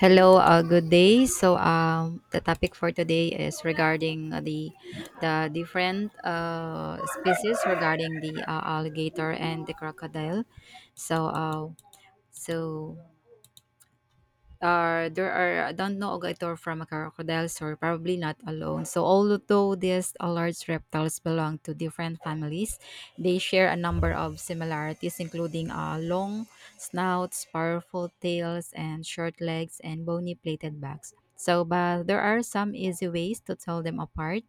Hello, good day. So, the topic for today is regarding the different species regarding the alligator and the crocodile. So, so there are I don't know alligator from a crocodile, so probably not alone. So although these large reptiles belong to different families, they share a number of similarities, including long snouts, powerful tails, and short legs and bony plated backs. So, but there are some easy ways to tell them apart.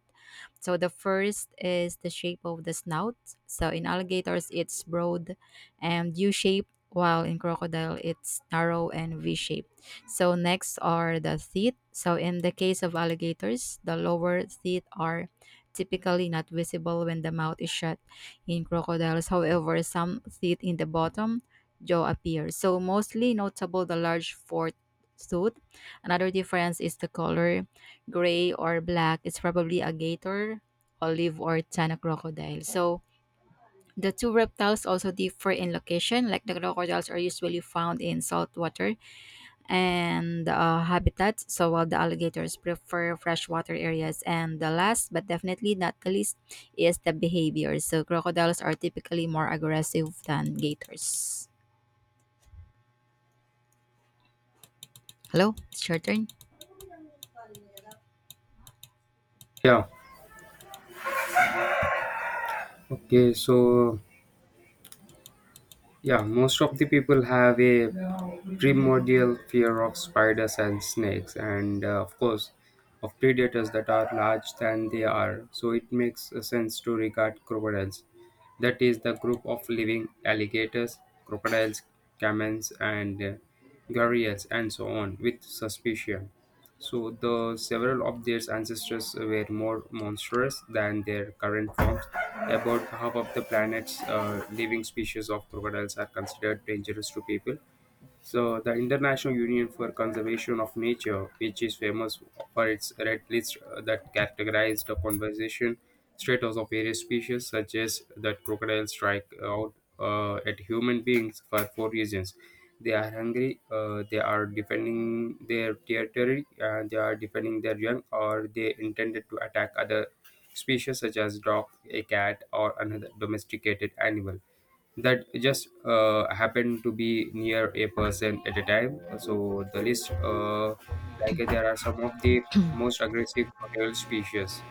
So the first is the shape of the snout. So in alligators, it's broad and U-shaped, while in crocodile, it's narrow and V-shaped. So next are the teeth. So in the case of alligators, the lower teeth are typically not visible when the mouth is shut. In crocodiles, however, some teeth in the bottom jaw appear. So mostly notable the large fourth tooth. Another difference is the color, gray or black. It's probably a gator, olive or tana crocodile. So the two reptiles also differ in location. Like the crocodiles are usually found in saltwater and habitats. So while the alligators prefer freshwater areas, and the last but definitely not the least is the behavior. So crocodiles are typically more aggressive than gators. Hello, it's your turn. Yeah. Okay. So yeah, most of the people have a primordial fear of spiders and snakes, and of course, of predators that are large than they are. So it makes sense to regard crocodiles. That is the group of living alligators, crocodiles, camels, and gharials, and so on, with suspicion. So the several of their ancestors were more monstrous than their current forms. About half of the planet's living species of crocodiles are considered dangerous to people, so the International Union for Conservation of Nature, which is famous for its red list that categorized the conservation status of various species, suggests that crocodiles strike out at human beings for four reasons. They are hungry, they are defending their territory, and they are defending their young, or they intended to attack other species such as dog, a cat, or another domesticated animal that just happened to be near a person at a time. So the list, like there are some of the most aggressive crocodile species.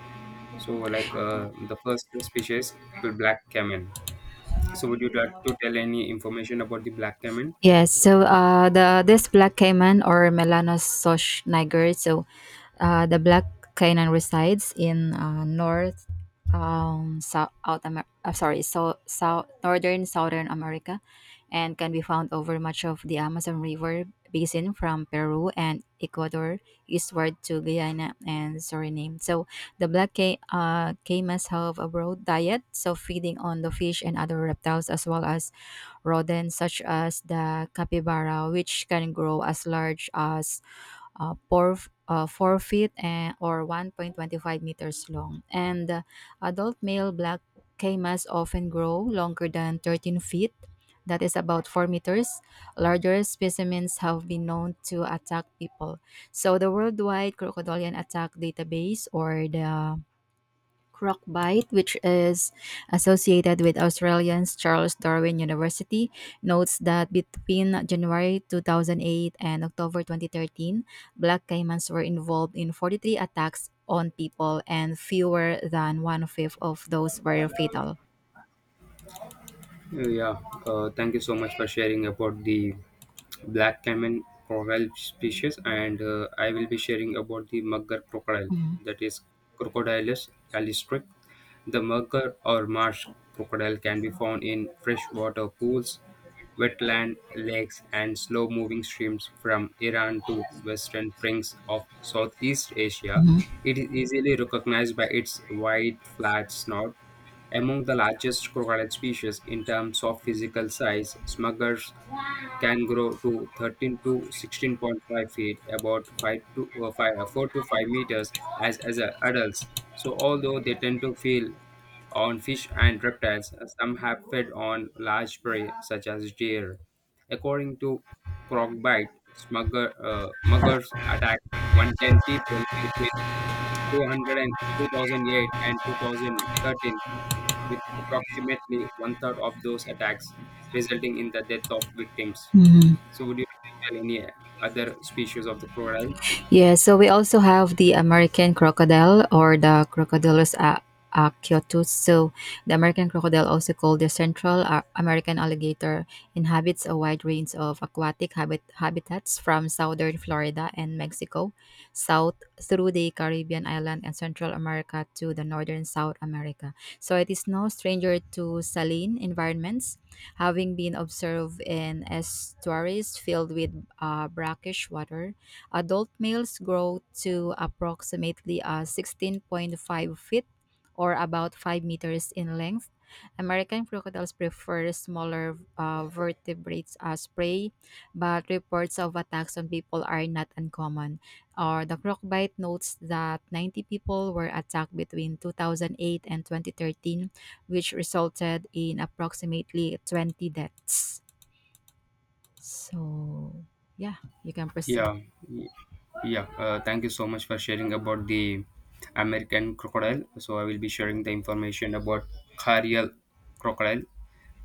So like the first species, the black caiman. So would you like to tell any information about the black caiman? Yes, so the this black caiman or Melanosoch niger, so the black caiman resides in north, south, out Amer- sorry, so south, northern, southern America, and can be found over much of the Amazon River basin from Peru and Ecuador eastward to Guyana and Suriname. So the caimas have a broad diet, so feeding on the fish and other reptiles as well as rodents such as the capybara, which can grow as large as uh, four, 4 feet and, or 1.25 meters long. And adult male black camas often grow longer than 13 feet, that is about 4 meters. Larger specimens have been known to attack people. So the Worldwide Crocodilian Attack Database, or the Cronkite, which is associated with Australian's Charles Darwin University, notes that between January 2008 and October 2013, black caimans were involved in 43 attacks on people, and fewer than one fifth of those were fatal. Yeah, thank you so much for sharing about the black caiman crocodile species, and I will be sharing about the mugger crocodile, Mhm. that is Crocodilus palestrix. The mugger or marsh crocodile can be found in freshwater pools, wetland lakes, and slow-moving streams from Iran to western fringes of Southeast Asia. Mhm. It is easily recognized by its wide, flat snout among the largest crocodile species in terms of physical size. Smugglers can grow to 13 to 16.5 feet, about 5 to 5, 4 to 5 meters as adults. So, although they tend to feed on fish and reptiles, some have fed on large prey such as deer. According to Crocbite, muggers attacked 110 people between Two hundred and two thousand eight and 2013, with approximately one third of those attacks resulting in the death of victims. Mhm. So, would you like to tell any other species of the crocodile? Yeah, so we also have the American crocodile or the Crocodilus acyotus. So the American crocodile, also called the Central American alligator, inhabits a wide range of aquatic habitats from southern Florida and Mexico, south through the Caribbean island and Central America to the northern South America. So it is no stranger to saline environments, having been observed in estuaries filled with brackish water. Adult males grow to approximately 16.5 feet or about 5 meters in length. American crocodiles prefer smaller vertebrates as prey, but reports of attacks on people are not uncommon. Or the Crocbite notes that 90 people were attacked between 2008 and 2013, which resulted in approximately 20 deaths. So, yeah, you can proceed. Yeah, y- yeah. Thank you so much for sharing about the American crocodile. So I will be sharing the information about Carial crocodile,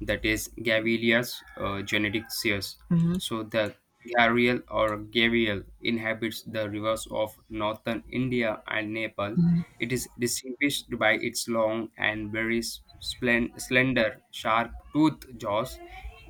that is Gavilia's genetic series. Mhm. So the Gharial or Gavial inhabits the rivers of northern India and Nepal. Mhm. It is distinguished by its long and very slender, sharp-toothed jaws,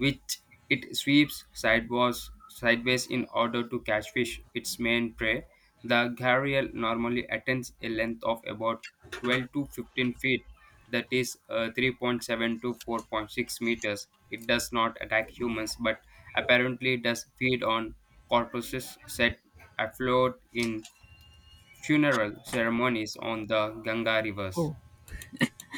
which it sweeps sideways in order to catch fish, its main prey. The gharial normally attains a length of about 12 to 15 feet, that is 3.7 to 4.6 meters. It does not attack humans but apparently does feed on corpses set afloat in funeral ceremonies on the Ganga rivers. Oh,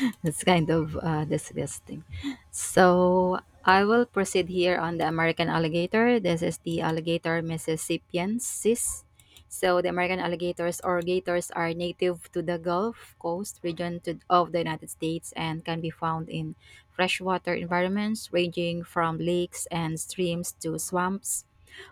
that's kind of disgusting. So I will proceed here on the American alligator. This is the alligator Mississippiensis. So the American alligators or gators are native to the Gulf Coast region to, of the United States and can be found in freshwater environments ranging from lakes and streams to swamps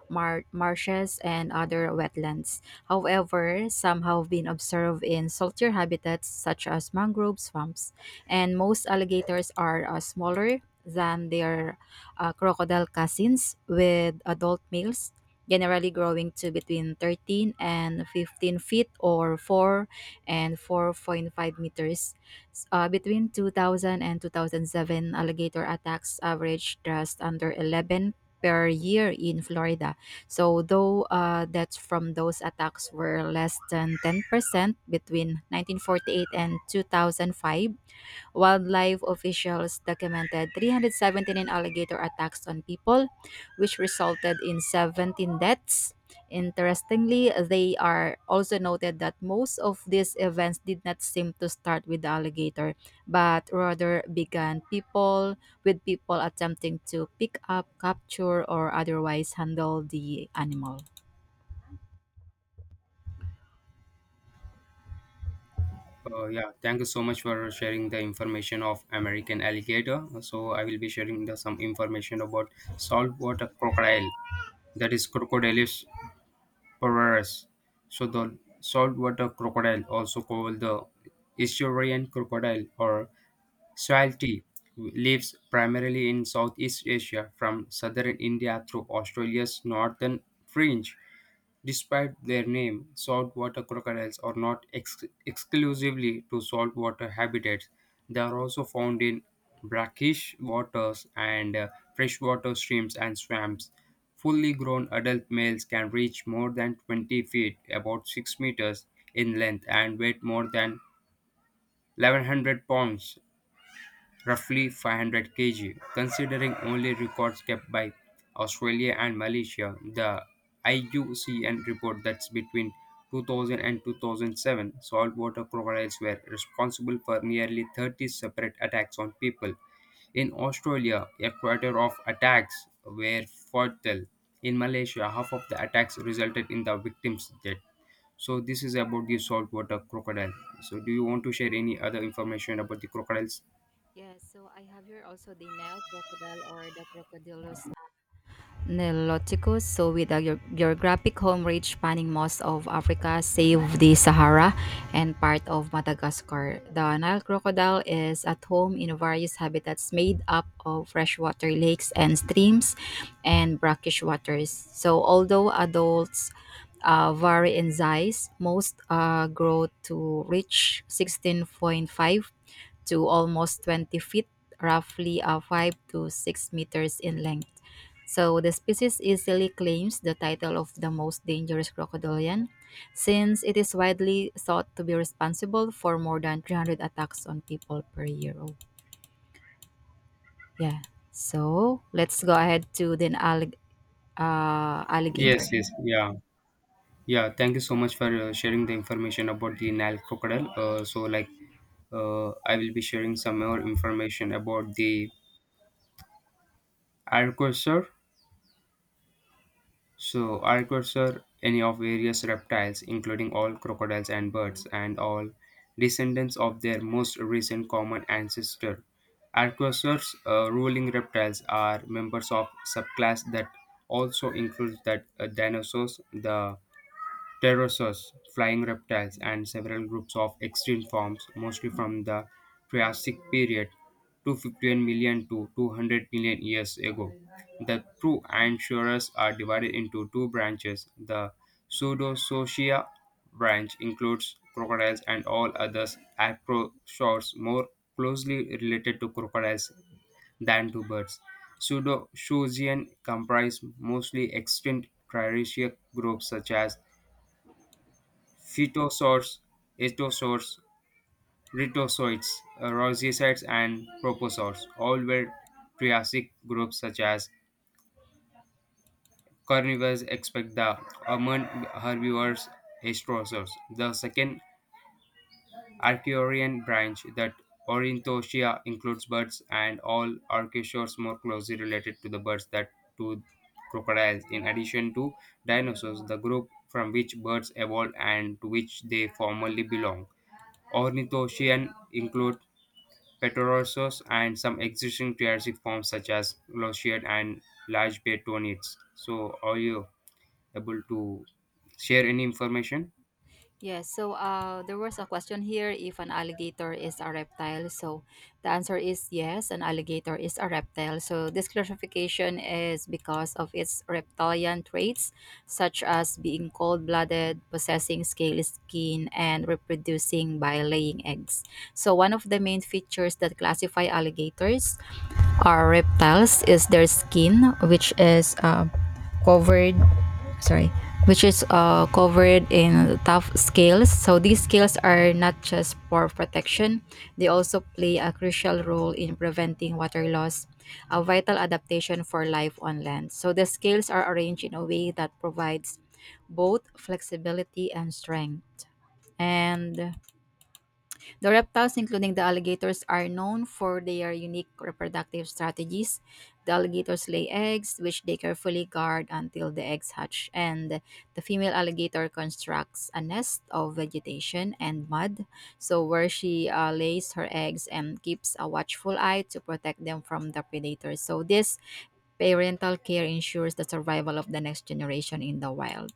marshes, and other wetlands. However, some have been observed in saltier habitats such as mangrove swamps, and most alligators are smaller than their crocodile cousins, with adult males generally growing to between 13 and 15 feet or 4 and 4.5 meters. Between 2000 and 2007, alligator attacks averaged just under 11 per year in Florida, so, though deaths from those attacks were less than 10% between 1948 and 2005, wildlife officials documented 379 alligator attacks on people, which resulted in 17 deaths. Interestingly, they are also noted that most of these events did not seem to start with the alligator, but rather began people with people attempting to pick up, capture, or otherwise handle the animal. Yeah, thank you so much for sharing the information of American alligator. So I will be sharing the, some information about saltwater crocodile, that is Crocodilus purus. So the saltwater crocodile, also called the estuarian crocodile or salty, lives primarily in Southeast Asia from southern India through Australia's northern fringe. Despite their name, saltwater crocodiles are not exclusively to saltwater habitats. They are also found in brackish waters and freshwater streams and swamps. Fully grown adult males can reach more than 20 feet, about 6 meters in length, and weigh more than 1,100 pounds, roughly 500 kg. Considering only records kept by Australia and Malaysia, the IUCN report that between 2000 and 2007, saltwater crocodiles were responsible for nearly 30 separate attacks on people. In Australia, a quarter of attacks were fatal. In Malaysia, half of the attacks resulted in the victim's death. So this is about the saltwater crocodile. So do you want to share any other information about the crocodiles? Yes, so I have here also the Nile crocodile or the crocodilus Niloticus. So, with a geographic home range spanning most of Africa, save the Sahara and part of Madagascar, the Nile crocodile is at home in various habitats made up of freshwater lakes and streams and brackish waters. So, although adults vary in size, most grow to reach 16.5 to almost 20 feet, roughly 5 to 6 meters in length. So the species easily claims the title of the most dangerous crocodilian, since it is widely thought to be responsible for more than 300 attacks on people per year. Oh, yeah. So let's go ahead to the Yes, alligator. yes, yeah, yeah. Thank you so much for sharing the information about the Nile crocodile. So, like, I will be sharing some more information about the archosaur. So, archosaur, any of various reptiles, including all crocodiles and birds, and all descendants of their most recent common ancestor. Archosaurs, ruling reptiles, are members of subclass that also includes that dinosaurs, the pterosaurs, flying reptiles, and several groups of extinct forms, mostly from the Triassic period 251 million to 200 million years ago. The true Anchuras are divided into two branches. The Pseudosauria branch includes crocodiles and all other acrosaurs more closely related to crocodiles than to birds. Pseudosaurian comprise mostly extinct Cretaceous groups such as phytosaurs, ichthyosaurs, rhetosaurs, rosicides, and proposaurs. All were Triassic groups such as carnivores, except the common herbivores, ichthyosaurs. The second Archeorian branch that Ornithoschia includes birds and all archosaurs more closely related to the birds that to crocodiles. In addition to dinosaurs, the group from which birds evolved and to which they formerly belong. Ornithocean include pterosaurs and some existing Triassic forms such as Glossiad and large betonids. So, are you able to share any information? Yes, so there was a question here if an alligator is a reptile. So the answer is yes, an alligator is a reptile. So this classification is because of its reptilian traits, such as being cold blooded, possessing scaly skin, and reproducing by laying eggs. So, one of the main features that classify alligators are reptiles is their skin, covered sorry which is covered in tough scales. So these scales are not just for protection, they also play a crucial role in preventing water loss, a vital adaptation for life on land. So the scales are arranged in a way that provides both flexibility and strength. And the reptiles, including the alligators, are known for their unique reproductive strategies. The alligators lay eggs, which they carefully guard until the eggs hatch, and the female alligator constructs a nest of vegetation and mud, so where she lays her eggs and keeps a watchful eye to protect them from the predators. So this parental care ensures the survival of the next generation in the wild.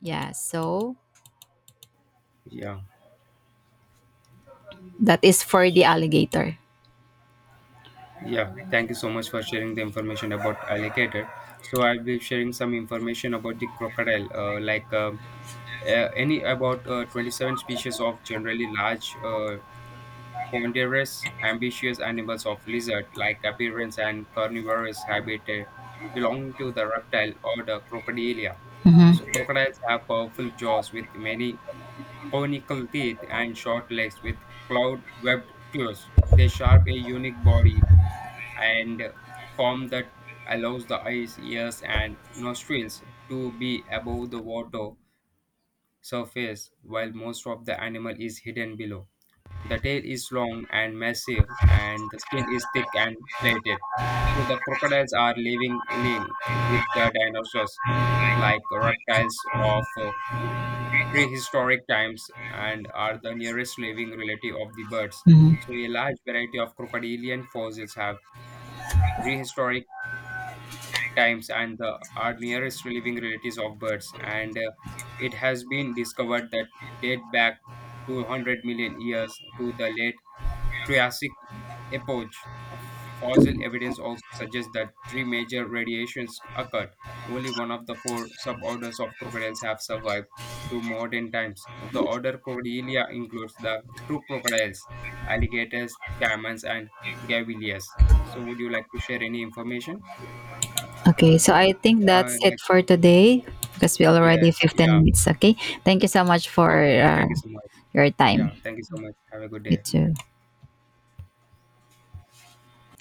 Yeah, so Yeah. that is for the alligator. Yeah, thank you so much for sharing the information about alligator. So I'll be sharing some information about the crocodile, like any about 27 species of generally large, ponderous, ambitious animals of lizard like appearance and carnivorous habitat belong to the reptile or the crocodilia. So Mhm, crocodiles have powerful jaws with many conical teeth and short legs with cloud-webbed toes. They sharp a unique body and form that allows the eyes, ears, and nostrils to be above the water surface while most of the animal is hidden below. The tail is long and massive, and the skin is thick and plated. So the crocodiles are living link with the dinosaurs, like reptiles of prehistoric times, and are the nearest living relative of the birds. mhm. So a large variety of crocodilian fossils have prehistoric times and the, are nearest living relatives of birds. And it has been discovered that date back 200 million years to the late Triassic epoch. Fossil evidence also suggests that three major radiations occurred. Only one of the four suborders of crocodiles have survived to modern times. The order Crocodilia includes the true crocodiles, alligators, caimans, and gavillias. So, would you like to share any information? Okay, so I think Uh, that's it like for today because we already Yes. 15 Yeah. minutes. Okay, thank you so much for Okay. Thank you so much. your time. Yeah. Thank you so much. Have a good You day. Bye. too.